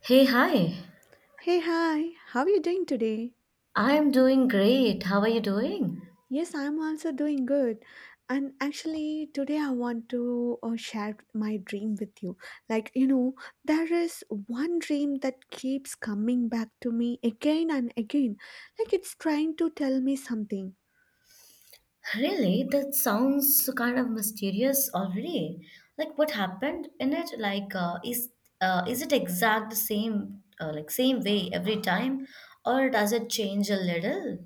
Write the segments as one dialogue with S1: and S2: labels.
S1: Hey, hi.
S2: Hey, hi, how are you doing today?
S1: I am doing great. How are you doing?
S2: Yes, I'm also doing good. And actually, today I want to share my dream with you. Like, you know, there is one dream that keeps coming back to me again and again. Like, it's trying to tell me something.
S1: Really? That sounds kind of mysterious already. Like what happened in it? Like is it exact the same like same way every time or does it change a little?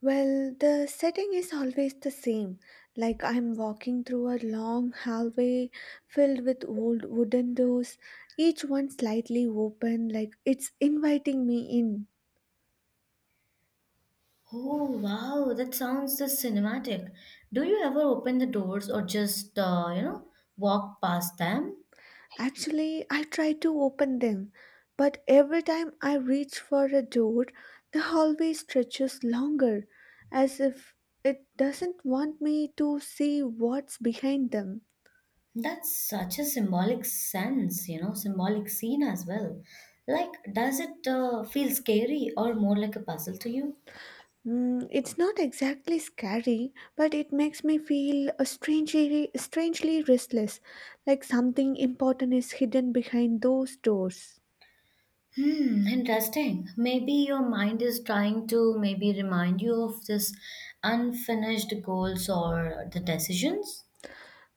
S2: Well, the setting is always the same. Like, I'm walking through a long hallway filled with old wooden doors, each one slightly open, like it's inviting me in.
S1: Oh wow, that sounds just cinematic. Do you ever open the doors or just walk past them?
S2: Actually, I try to open them, but every time I reach for a door, the hallway stretches longer, as if it doesn't want me to see what's behind them.
S1: That's such a symbolic sense, symbolic scene as well. Like, does it feel scary or more like a puzzle to you?
S2: Mm, it's not exactly scary, but it makes me feel strangely restless, like something important is hidden behind those doors.
S1: Hmm, interesting. Maybe your mind is trying to maybe remind you of this unfinished goals or the decisions.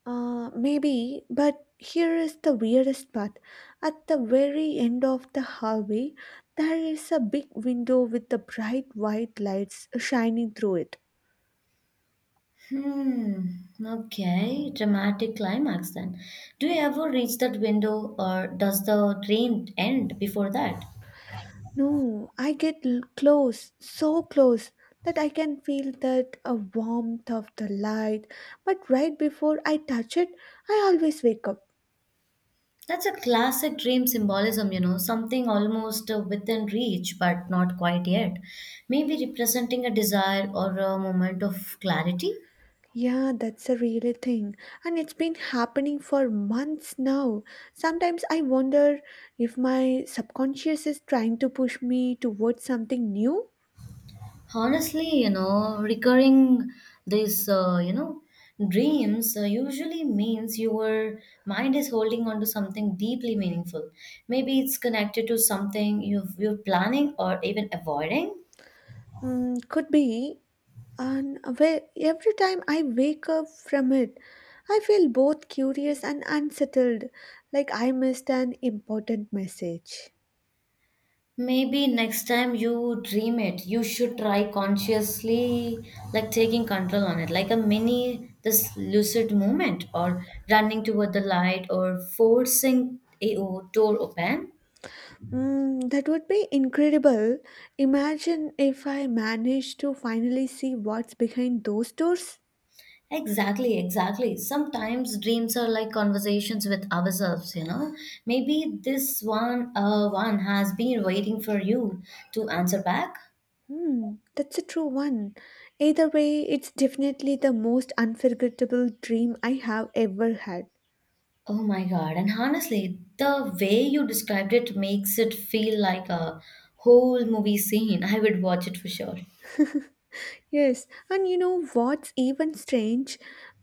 S2: Maybe, but here is the weirdest part. At the very end of the hallway, there is a big window with the bright white lights shining through it.
S1: Hmm, okay, dramatic climax then. Do you ever reach that window or does the dream end before that?
S2: No, I get close, so close that I can feel that a warmth of the light, but right before I touch it, I always wake up.
S1: That's a classic dream symbolism, something almost within reach but not quite yet. Maybe representing a desire or a moment of clarity.
S2: Yeah, that's a real thing. And it's been happening for months now. Sometimes I wonder if my subconscious is trying to push me towards something new.
S1: Honestly, recurring these, dreams usually means your mind is holding on to something deeply meaningful. Maybe it's connected to something you're planning or even avoiding.
S2: Mm, could be. And every time I wake up from it, I feel both curious and unsettled, like I missed an important message.
S1: Maybe next time you dream it, you should try consciously like taking control on it, like a mini this lucid movement or running toward the light or forcing a door open.
S2: Mm, that would be incredible. Imagine if I managed to finally see what's behind those doors.
S1: Exactly, exactly. Sometimes dreams are like conversations with ourselves. Maybe this one has been waiting for you to answer back.
S2: Hmm, that's a true one. Either way, it's definitely the most unforgettable dream I have ever had.
S1: Oh my God. And honestly, the way you described it makes it feel like a whole movie scene. I would watch it for sure.
S2: Yes, and you know what's even strange?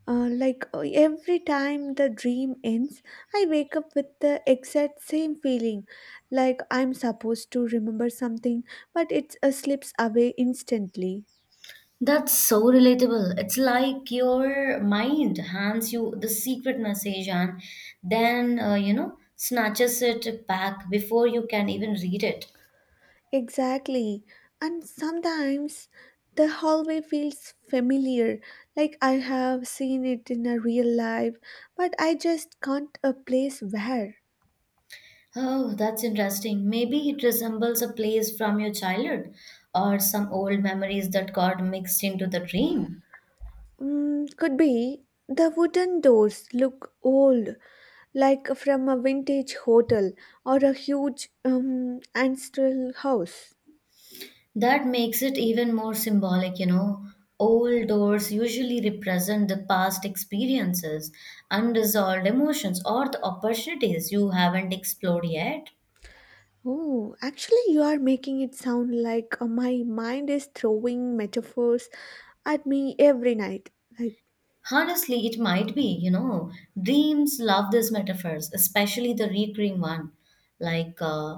S2: Every time the dream ends, I wake up with the exact same feeling, like I'm supposed to remember something, but it slips away instantly.
S1: That's so relatable. It's like your mind hands you the secret message and then, snatches it back before you can even read it.
S2: Exactly. And sometimes the hallway feels familiar, like I have seen it in a real life, but I just can't a place where.
S1: Oh, that's interesting. Maybe it resembles a place from your childhood or some old memories that got mixed into the dream.
S2: Mm, could be the wooden doors look old, like from a vintage hotel or a huge ancestral house.
S1: That makes it even more symbolic. Old doors usually represent the past experiences, unresolved emotions, or the opportunities you haven't explored yet.
S2: Oh, actually, you are making it sound like my mind is throwing metaphors at me every night. Like,
S1: Honestly, it might be. Dreams love these metaphors, especially the recurring one. Like,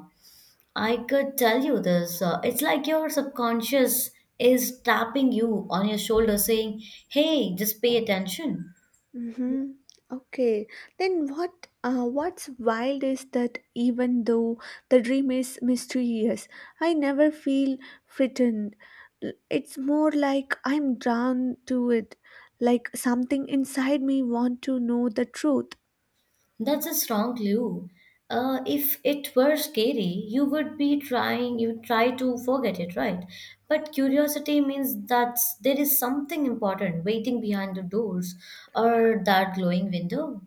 S1: I could tell you this. It's like your subconscious is tapping you on your shoulder saying, hey, just pay attention.
S2: mm-hmm. Okay. Then what's wild is that even though the dream is mysterious, I never feel frightened. It's more like I'm drawn to it, like something inside me want to know the truth.
S1: That's a strong clue. If it were scary, you would try to forget it, right? But curiosity means that there is something important waiting behind the doors or that glowing window.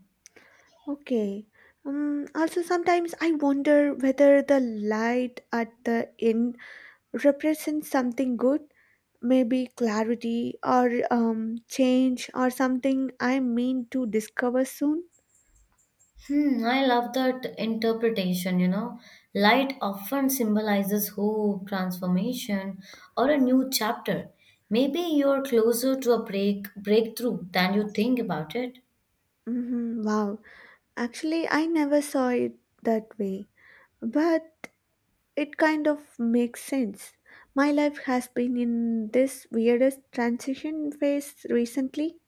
S2: Okay. Also sometimes I wonder whether the light at the end represents something good, maybe clarity or change or something I mean to discover soon.
S1: Hmm, I love that interpretation. Light often symbolizes hope, transformation, or a new chapter. Maybe you're closer to a breakthrough than you think about it.
S2: Hmm, wow, actually, I never saw it that way, but it kind of makes sense. My life has been in this weirdest transition phase recently.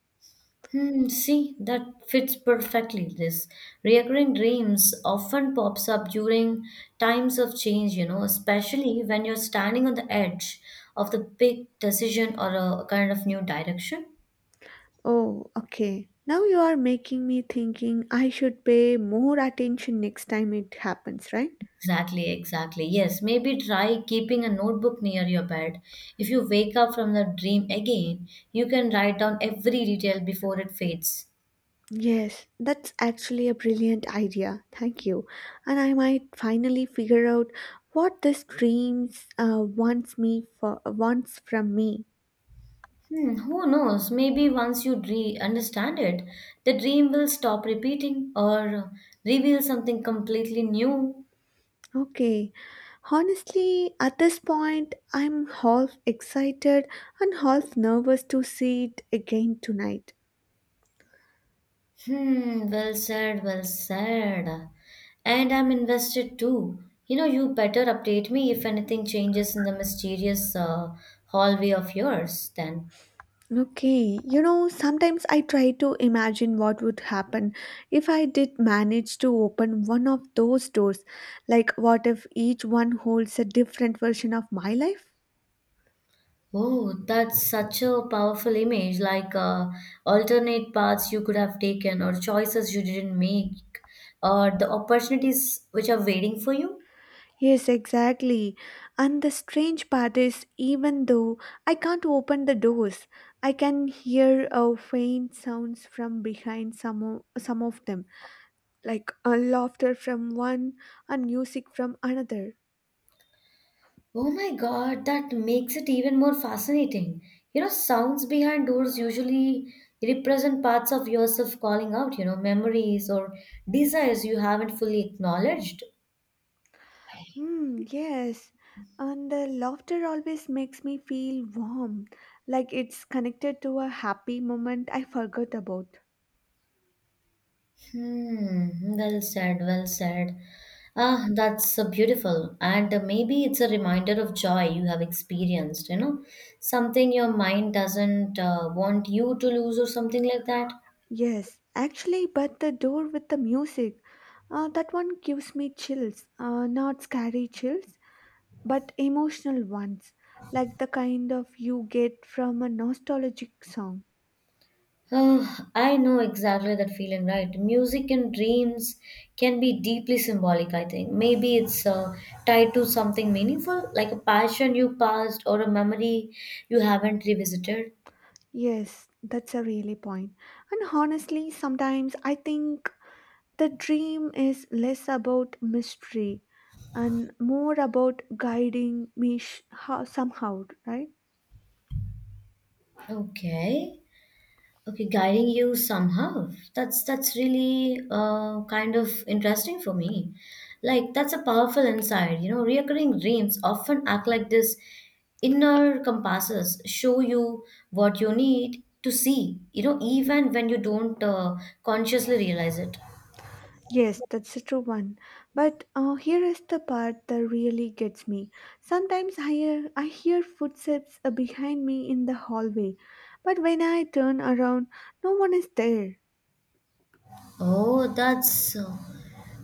S1: Hmm, see, that fits perfectly. This recurring dreams often pops up during times of change, especially when you're standing on the edge of the big decision or a kind of new direction.
S2: Oh, okay. Now you are making me thinking I should pay more attention next time it happens, right?
S1: Exactly, exactly. Yes, maybe try keeping a notebook near your bed. If you wake up from the dream again, you can write down every detail before it fades.
S2: Yes, that's actually a brilliant idea. Thank you. And I might finally figure out what this dreams wants from me.
S1: Hmm, who knows? Maybe once you re understand it, the dream will stop repeating or reveal something completely new.
S2: Okay. Honestly, at this point, I'm half excited and half nervous to see it again tonight.
S1: Hmm, well said, well said. And I'm invested too. You know, you better update me if anything changes in the mysterious hallway of yours then.
S2: Okay, you know, sometimes I try to imagine what would happen if I did manage to open one of those doors. Like, what if each one holds a different version of my life?
S1: Oh, that's such a powerful image, like alternate paths you could have taken or choices you didn't make or the opportunities which are waiting for you.
S2: Yes, exactly. And the strange part is, even though I can't open the doors, I can hear faint sounds from behind some of them, like laughter from one and music from another.
S1: Oh my God, that makes it even more fascinating. You know, sounds behind doors usually represent parts of yourself calling out, memories or desires you haven't fully acknowledged.
S2: Hmm, yes. And the laughter always makes me feel warm, like it's connected to a happy moment I forgot about.
S1: Hmm, well said, well said. Ah, that's beautiful. And maybe it's a reminder of joy you have experienced, something your mind doesn't want you to lose or something like that.
S2: Yes, actually, but the door with the music, that one gives me chills. Not scary chills, but emotional ones, like the kind of you get from a nostalgic song.
S1: Uh, I know exactly that feeling, right? Music and dreams can be deeply symbolic, I think. Maybe it's tied to something meaningful, like a passion you passed or a memory you haven't revisited.
S2: Yes, that's a really point. And honestly, sometimes I think the dream is less about mystery and more about guiding me somehow, right?
S1: Okay. Okay, guiding you somehow. That's really kind of interesting for me. Like that's a powerful insight. You know, recurring dreams often act like this inner compasses, show you what you need to see. You know, even when you don't consciously realize it.
S2: Yes, that's a true one. But here is the part that really gets me. Sometimes I hear footsteps behind me in the hallway, but when I turn around, no one is there.
S1: Oh, that's uh,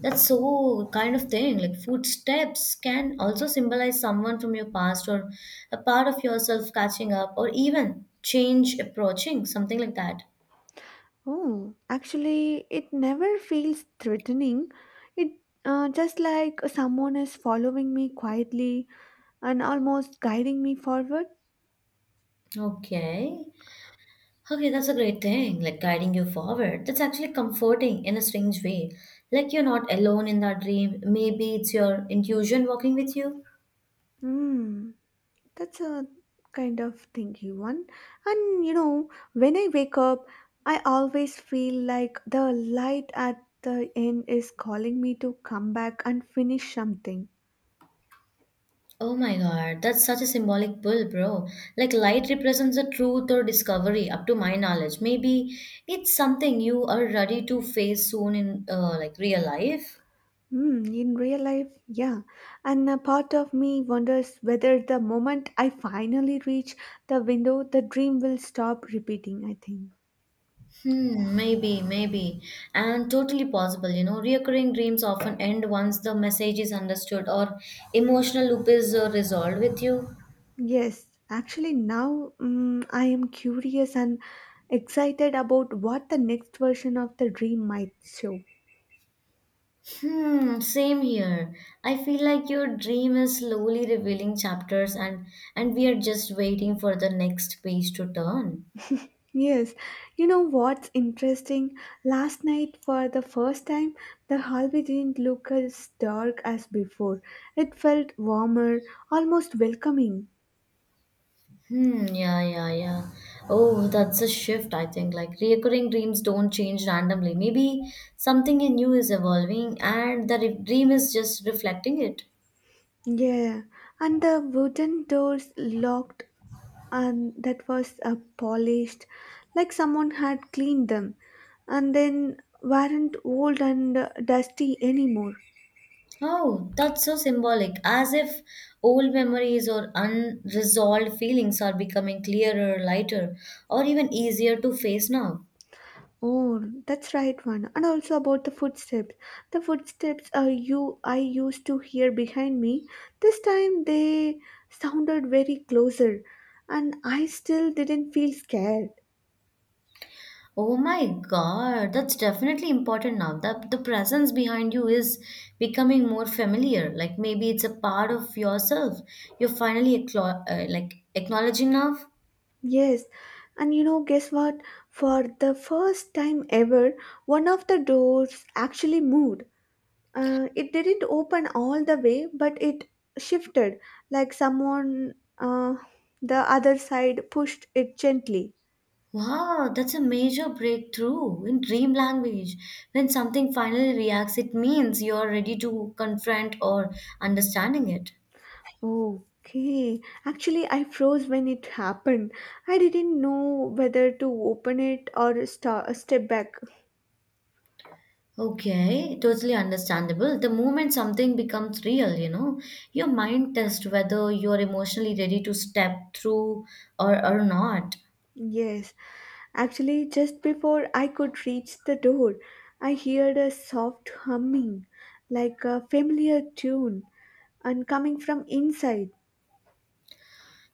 S1: That's so kind of thing. Like footsteps can also symbolize someone from your past or a part of yourself catching up or even change approaching, something like that.
S2: Oh, actually, it never feels threatening. It just like someone is following me quietly and almost guiding me forward.
S1: Okay. Okay, that's a great thing. Like guiding you forward. That's actually comforting in a strange way. Like you're not alone in that dream. Maybe it's your intuition walking with you.
S2: Hmm, that's a kind of thinky one. And you know, when I wake up, I always feel like the light at the end is calling me to come back and finish something.
S1: Oh my God, that's such a symbolic pull, bro. Like, light represents the truth or discovery, up to my knowledge. Maybe it's something you are ready to face soon in like real life.
S2: Hmm, in real life, yeah. And a part of me wonders whether the moment I finally reach the window, the dream will stop repeating, I think.
S1: Hmm, maybe, maybe. And totally possible. Reoccurring dreams often end once the message is understood or emotional loop is resolved with you.
S2: Yes, actually, now I am curious and excited about what the next version of the dream might show.
S1: Hmm, same here. I feel like your dream is slowly revealing chapters and we are just waiting for the next page to turn.
S2: Yes, you know what's interesting? Last night, for the first time, the hallway didn't look as dark as before. It felt warmer, almost welcoming.
S1: Hmm, yeah, yeah, yeah. Oh, that's a shift, I think. Like recurring dreams don't change randomly. Maybe something in you is evolving and the dream is just reflecting it.
S2: Yeah, and the wooden doors locked and that was polished, like someone had cleaned them and then weren't old and dusty anymore.
S1: Oh, that's so symbolic. As if old memories or unresolved feelings are becoming clearer, lighter, or even easier to face now.
S2: Oh, that's right one, and also about the footsteps, the footsteps you I used to hear behind me, this time they sounded very closer, and I still didn't feel scared.
S1: Oh my God, that's definitely important now. The presence behind you is becoming more familiar. Like maybe it's a part of yourself. You're finally like acknowledging now.
S2: Yes, and you know, guess what? For the first time ever, one of the doors actually moved. It didn't open all the way, but it shifted, like someone uh, the other side pushed it gently.
S1: Wow, that's a major breakthrough in dream language. When something finally reacts, it means you're ready to confront or understanding it.
S2: Okay, actually I froze when it happened. I didn't know whether to open it or step back.
S1: Okay, totally understandable. The moment something becomes real, your mind tests whether you're emotionally ready to step through or not.
S2: Yes, actually just before I could reach the door, I heard a soft humming, like a familiar tune, and coming from inside.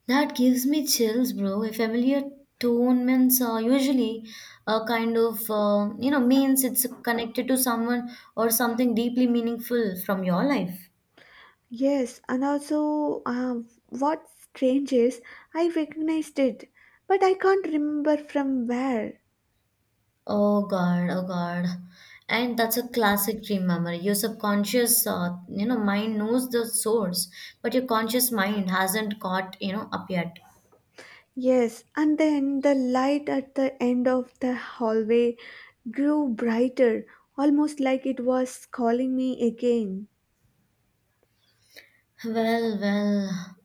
S1: That gives me chills, bro. A familiar tone means usually a kind of, means it's connected to someone or something deeply meaningful from your life.
S2: Yes, and also, what's strange is I recognized it, but I can't remember from where.
S1: Oh God, oh God. And that's a classic dream memory. Your subconscious, mind knows the source, but your conscious mind hasn't caught up yet.
S2: Yes, and then the light at the end of the hallway grew brighter, almost like it was calling me again.
S1: Well, well,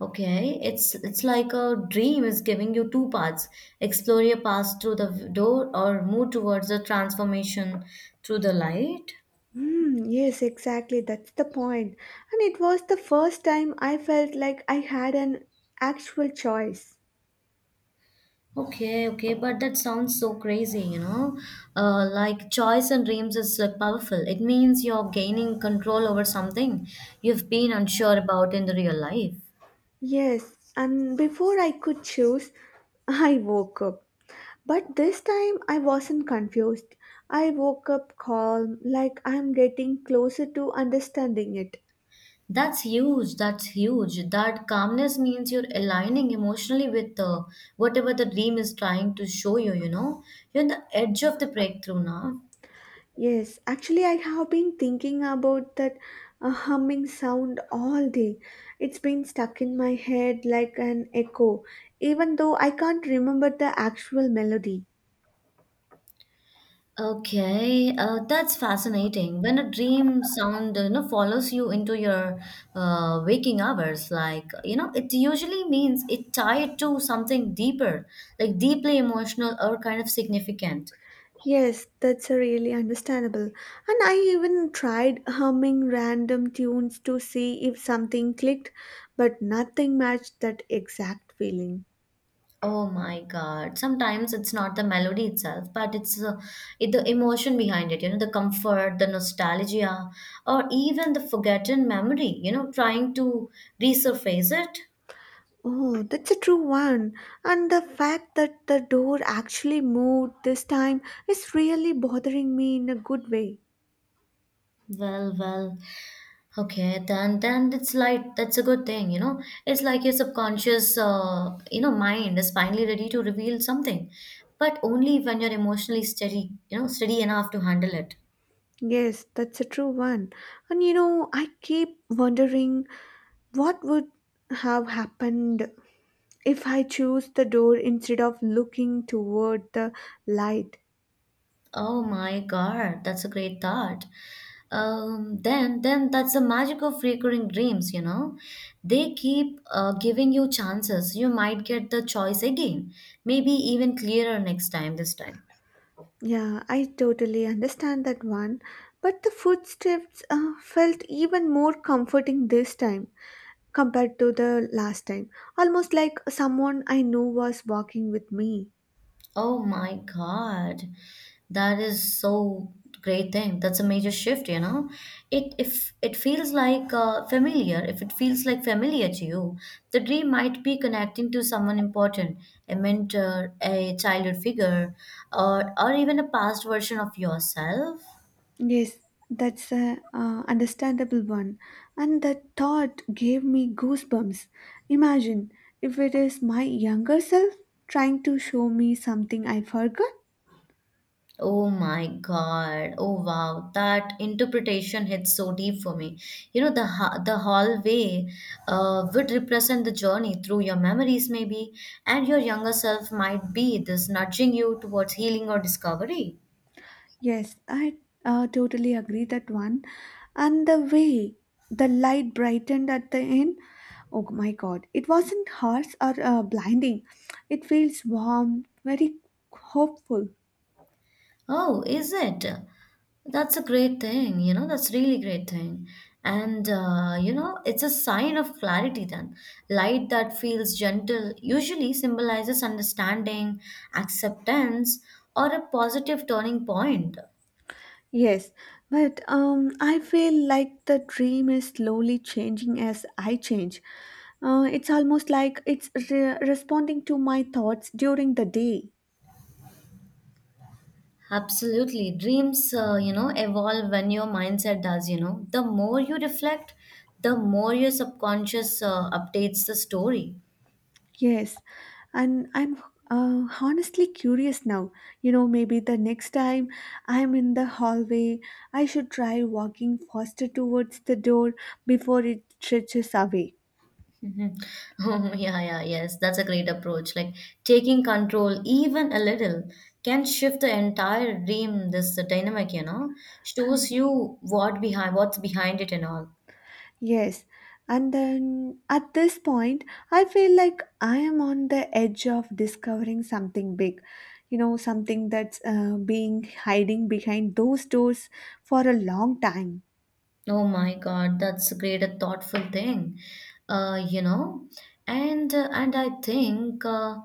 S1: okay. It's like a dream is giving you two paths. Explore your past through the door or move towards the transformation through the light.
S2: Hmm, yes, exactly, that's the point. And it was the first time I felt like I had an actual choice.
S1: Okay, okay, but that sounds so crazy. Like choice and dreams is like powerful. It means you're gaining control over something you've been unsure about in the real life.
S2: Yes, and before I could choose, I woke up. But this time I wasn't confused. I woke up calm, like I'm getting closer to understanding it.
S1: That's huge. That's huge. That calmness means you're aligning emotionally with whatever the dream is trying to show you, you know. You're on the edge of the breakthrough now.
S2: Yes, actually, I have been thinking about that humming sound all day. It's been stuck in my head like an echo, even though I can't remember the actual melody.
S1: Okay, that's fascinating. When a dream sound, follows you into your waking hours, like, it usually means it tied to something deeper, like deeply emotional or kind of significant.
S2: Yes, that's really understandable. And I even tried humming random tunes to see if something clicked, but nothing matched that exact feeling.
S1: Oh my God. Sometimes it's not the melody itself, but it, the emotion behind it, the comfort, the nostalgia, or even the forgotten memory, trying to resurface it.
S2: Oh, that's a true one. And the fact that the door actually moved this time is really bothering me in a good way.
S1: Well, well. Okay, then it's like that's a good thing. It's like your subconscious, mind is finally ready to reveal something, but only when you're emotionally steady enough to handle it.
S2: Yes, that's a true one. And you know, I keep wondering what would have happened if I chose the door instead of looking toward the light.
S1: Oh my God, that's a great thought. Then that's the magic of recurring dreams. They keep giving you chances. You might get the choice again, maybe even clearer next time. This time.
S2: Yeah, I totally understand that one. But the footsteps felt even more comforting this time compared to the last time. Almost like someone I knew was walking with me.
S1: Oh my God. That is so great thing. That's a major shift. It if it feels like familiar to you, the dream might be connecting to someone important, a mentor, a childhood figure, or even a past version of yourself.
S2: Yes, that's a understandable one, and that thought gave me goosebumps. Imagine if it is my younger self trying to show me something I forgot.
S1: Oh my God. Oh wow. That interpretation hits so deep for me. You know, the the hallway would represent the journey through your memories, maybe, and your younger self might be this nudging you towards healing or discovery.
S2: Yes, I totally agree that one. And the way the light brightened at the end, oh my God, it wasn't harsh or blinding. It feels warm, very hopeful.
S1: Oh, is it? That's a great thing, that's really great thing. And it's a sign of clarity then. Light that feels gentle usually symbolizes understanding, acceptance, or a positive turning point.
S2: Yes, but I feel like the dream is slowly changing as I change. It's almost like it's responding to my thoughts during the day.
S1: Absolutely. Dreams evolve when your mindset does. The more you reflect, the more your subconscious updates the story.
S2: Yes, and I'm honestly curious now. You know, maybe the next time I'm in the hallway, I should try walking faster towards the door before it stretches away.
S1: Mhm. Oh, yeah, yeah, yes, that's a great approach. Like taking control, even a little, can shift the entire dream, this dynamic, shows
S2: Y-
S1: you what's behind it and all.
S2: Yes, and then at this point, I feel like I am on the edge of discovering something big. You know, something that's being hiding behind those doors for a long time.
S1: Oh my God, that's a great a thoughtful thing, uh, you know, and I think uh,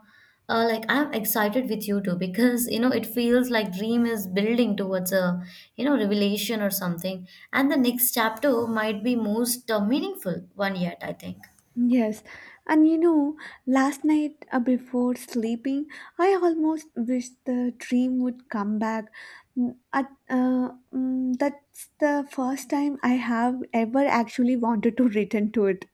S1: uh, like I'm excited with you too because it feels like dream is building towards a revelation or something, and the next chapter might be most meaningful one yet, I think.
S2: Yes, and you know, last night before sleeping, I almost wished the dream would come back. That's the first time I have ever actually wanted to return to it.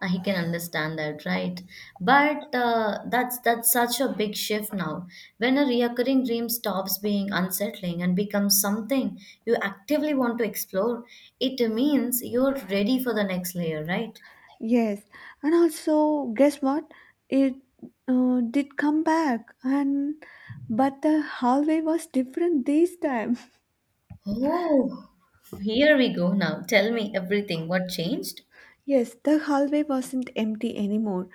S1: I can understand that, right? But that's such a big shift now. When a reoccurring dream stops being unsettling and becomes something you actively want to explore, it means you're ready for the next layer, right?
S2: Yes, and also, guess what? It did come back, and but the hallway was different this time.
S1: Oh, here we go now. Tell me everything. What changed?
S2: Yes, the hallway wasn't empty anymore.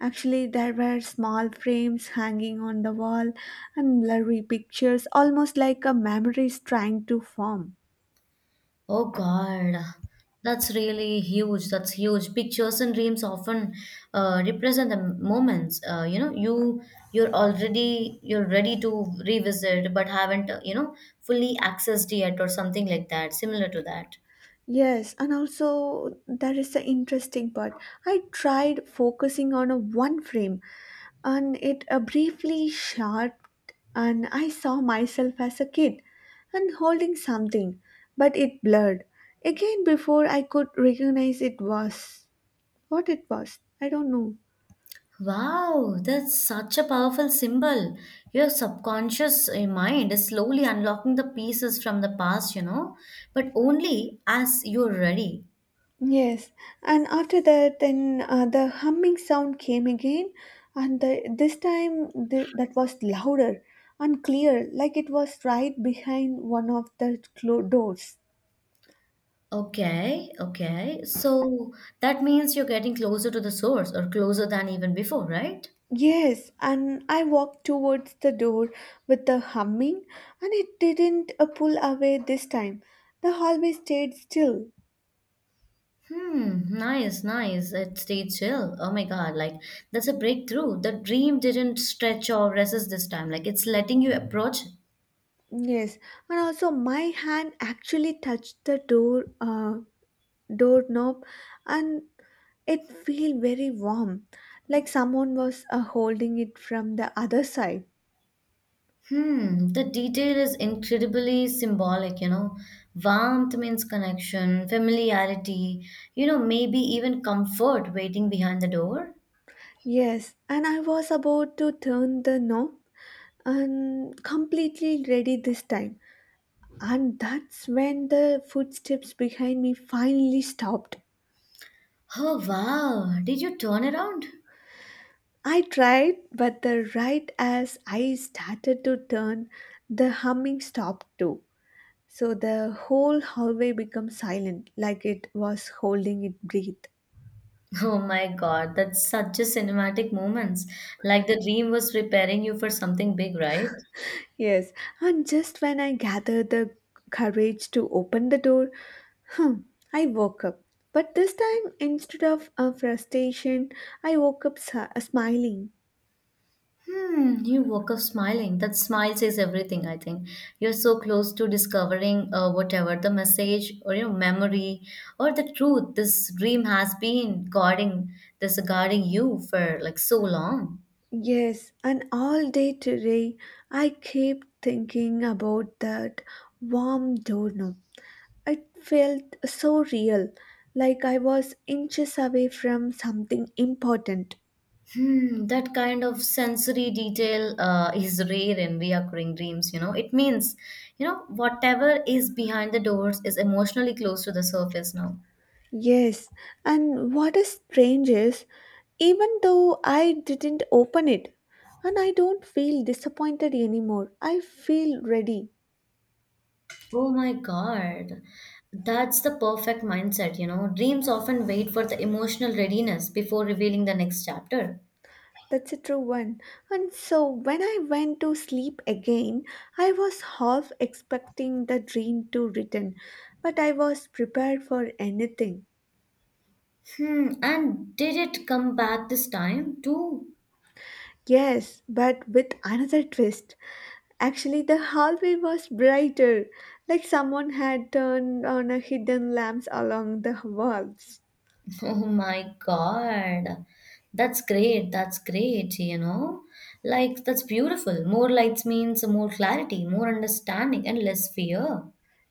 S2: Actually, there were small frames hanging on the wall and blurry pictures, almost like a memory is trying to form.
S1: Oh God, that's really huge. That's huge. Pictures and dreams often represent the moments. You know, you're ready to revisit, but haven't fully accessed yet, or something like that. Similar to that.
S2: Yes, and also that is the interesting part. I tried focusing on a one frame and it briefly shot, and I saw myself as a kid and holding something, but it blurred again before I could recognize it was. What it was, I don't know.
S1: Wow, that's such a powerful symbol. Your subconscious mind is slowly unlocking the pieces from the past, you know, but only as you're ready.
S2: Yes, and after that, then the humming sound came again, and this time that was louder and clear, like it was right behind one of the doors.
S1: Okay, okay. So that means you're getting closer to the source or closer than even before, right?
S2: Yes, and I walked towards the door with the humming, and it didn't pull away this time. The hallway stayed still.
S1: Hmm, nice, nice. It stayed chill. Oh my God, like that's a breakthrough. The dream didn't stretch or resist this time. Like it's letting you approach.
S2: Yes, and also my hand actually touched the door doorknob, and it felt very warm, like someone was holding it from the other side.
S1: Hmm, the detail is incredibly symbolic, you know. Warmth means connection, familiarity, you know, maybe even comfort waiting behind the door.
S2: Yes, and I was about to turn the knob and completely ready this time. And that's when the footsteps behind me finally stopped.
S1: Oh wow, did you turn around?
S2: I tried, but the right as I started to turn, the humming stopped too. So the whole hallway became silent, like it was holding it breathe.
S1: Oh my God, that's such a cinematic moments. Like the dream was preparing you for something big, right?
S2: Yes, and just when I gathered the courage to open the door, hmm, I woke up. But this time, instead of frustration, I woke up smiling.
S1: Hmm, you woke up smiling. That smile says everything, I think. You're so close to discovering whatever the message or memory or the truth this dream has been guarding this guarding you for like so long.
S2: Yes, and all day today, I keep thinking about that warm doorknob. It felt so real, like I was inches away from something important.
S1: Hmm, that kind of sensory detail is rare in reoccurring dreams, you know. It means, you know, whatever is behind the doors is emotionally close to the surface now.
S2: Yes, and what is strange is, even though I didn't open it, and I don't feel disappointed anymore, I feel ready.
S1: Oh my God. That's the perfect mindset, you know. Dreams often wait for the emotional readiness before revealing the next chapter.
S2: That's a true one. And so when I went to sleep again, I was half expecting the dream to return, but I was prepared for anything.
S1: Hmm, and did it come back this time too?
S2: Yes, but with another twist. Actually, the hallway was brighter, like someone had turned on a hidden lamps along the walls.
S1: Oh my God. That's great. That's great, you know. Like, that's beautiful. More lights means more clarity, more understanding, and less fear.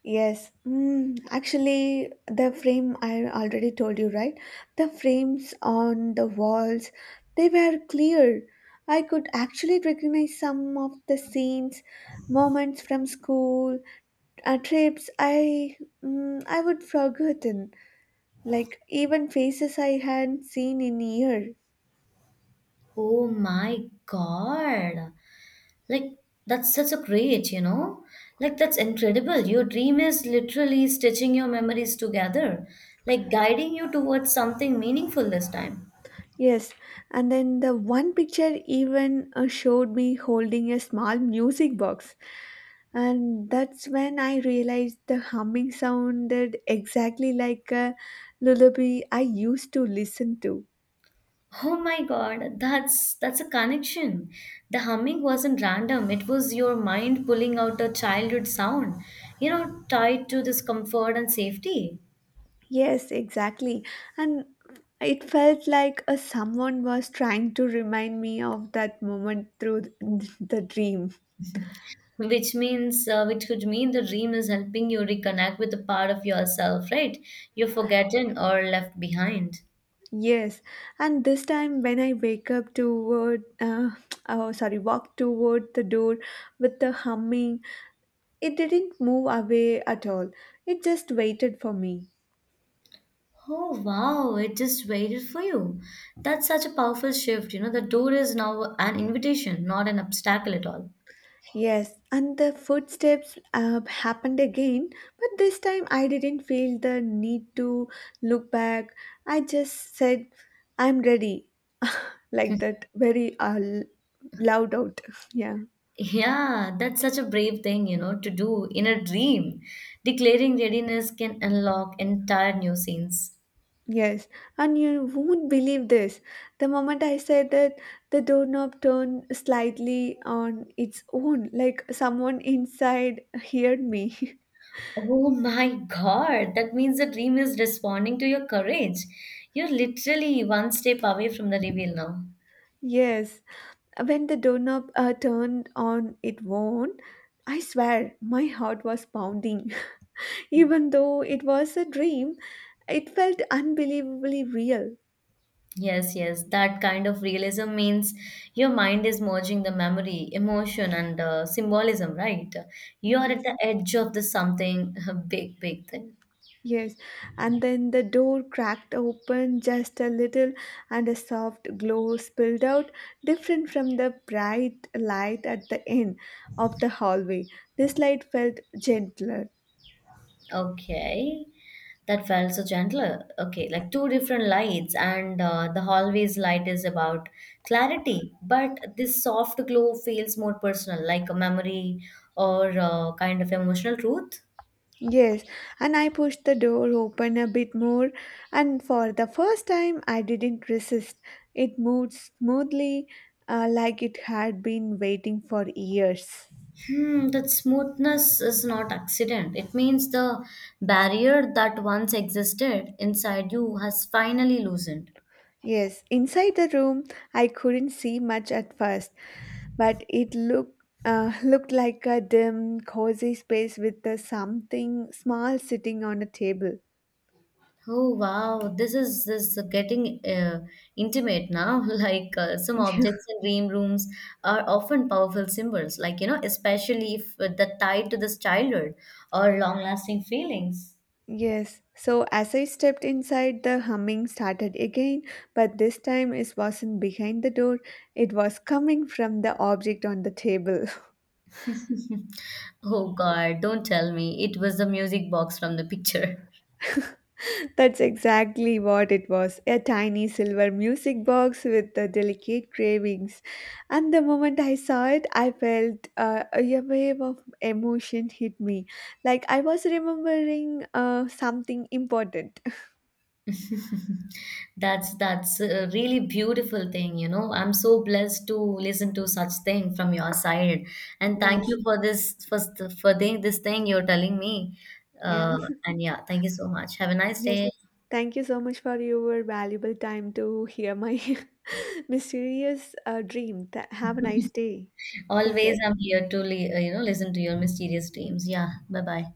S2: Yes, actually, the frame I already told you, right? The frames on the walls, they were clear. I could actually recognize some of the scenes, moments from school, trips I I would forgotten, like even faces I hadn't seen in years.
S1: Oh my God. Like, that's such a great, you know. Like, that's incredible. Your dream is literally stitching your memories together, like guiding you towards something meaningful this time.
S2: Yes, and then the one picture even showed me holding a small music box, and that's when I realized the humming sounded exactly like a lullaby I used to listen to.
S1: Oh my God, that's a connection. The humming wasn't random. It was your mind pulling out a childhood sound, you know, tied to this comfort and safety,
S2: Yes, exactly, and it felt like someone was trying to remind me of that moment through the dream.
S1: which means which could mean the dream is helping you reconnect with the part of yourself, right? You're forgotten or left behind.
S2: Yes, and this time when I wake up oh sorry, walk toward the door with the humming, it didn't move away at all. It just waited for me.
S1: Oh wow, it just waited for you. That's such a powerful shift. You know, the door is now an invitation, not an obstacle at all.
S2: Yes, and the footsteps happened again, but this time I didn't feel the need to look back. I just said, "I'm ready," like that, very loud out. Yeah.
S1: Yeah, that's such a brave thing, you know, to do in a dream. Declaring readiness can unlock entire new scenes.
S2: Yes, and you won't believe this. The moment I said that, the doorknob turned slightly on its own, like someone inside heard me.
S1: Oh my God, that means the dream is responding to your courage. You're literally one step away from the reveal now.
S2: Yes, when the doorknob turned on its own, I swear my heart was pounding. Even though it was a dream, it felt unbelievably real.
S1: Yes, yes, that kind of realism means your mind is merging the memory, emotion, and symbolism, right? You are
S2: Yeah.
S1: at the edge of the something, a big, big thing.
S2: Yes, and then the door cracked open just a little, and a soft glow spilled out, different from the bright light at the end of the hallway. This light felt gentler.
S1: Okay. That felt so gentle. Okay, like two different lights, and the hallways light is about clarity, but this soft glow feels more personal, like a memory or kind of emotional truth.
S2: Yes, and I pushed the door open a bit more, and for the first time, I didn't resist. It moved smoothly, like it had been waiting for years.
S1: Hmm, that smoothness is not accident. It means the barrier that once existed inside you has finally loosened.
S2: Yes, inside the room, I couldn't see much at first, but it looked looked like a dim, cozy space with something small sitting on a table.
S1: Oh wow, this is getting intimate now. Like some objects in dream rooms are often powerful symbols, like you know, especially if the tied to this childhood or long-lasting feelings.
S2: Yes, so as I stepped inside, the humming started again, but this time it wasn't behind the door, it was coming from the object on the table.
S1: Oh God, don't tell me it was the music box from the picture.
S2: That's exactly what it was a tiny silver music box with the delicate cravings. And the moment I saw it, I felt a wave of emotion hit me. Like I was remembering something important.
S1: That's a really beautiful thing, you know. I'm so blessed to listen to such thing from your side, and thank
S2: Yes,
S1: you for this for doing this thing you're telling me. Uh,
S2: yeah,
S1: and yeah, thank you so much. Have a nice
S2: yes.
S1: day.
S2: Thank you so much for your valuable time to hear my mysterious dream. Have a nice day. Take
S1: Always,
S2: care.
S1: I'm here to listen to your mysterious dreams. Yeah, bye bye.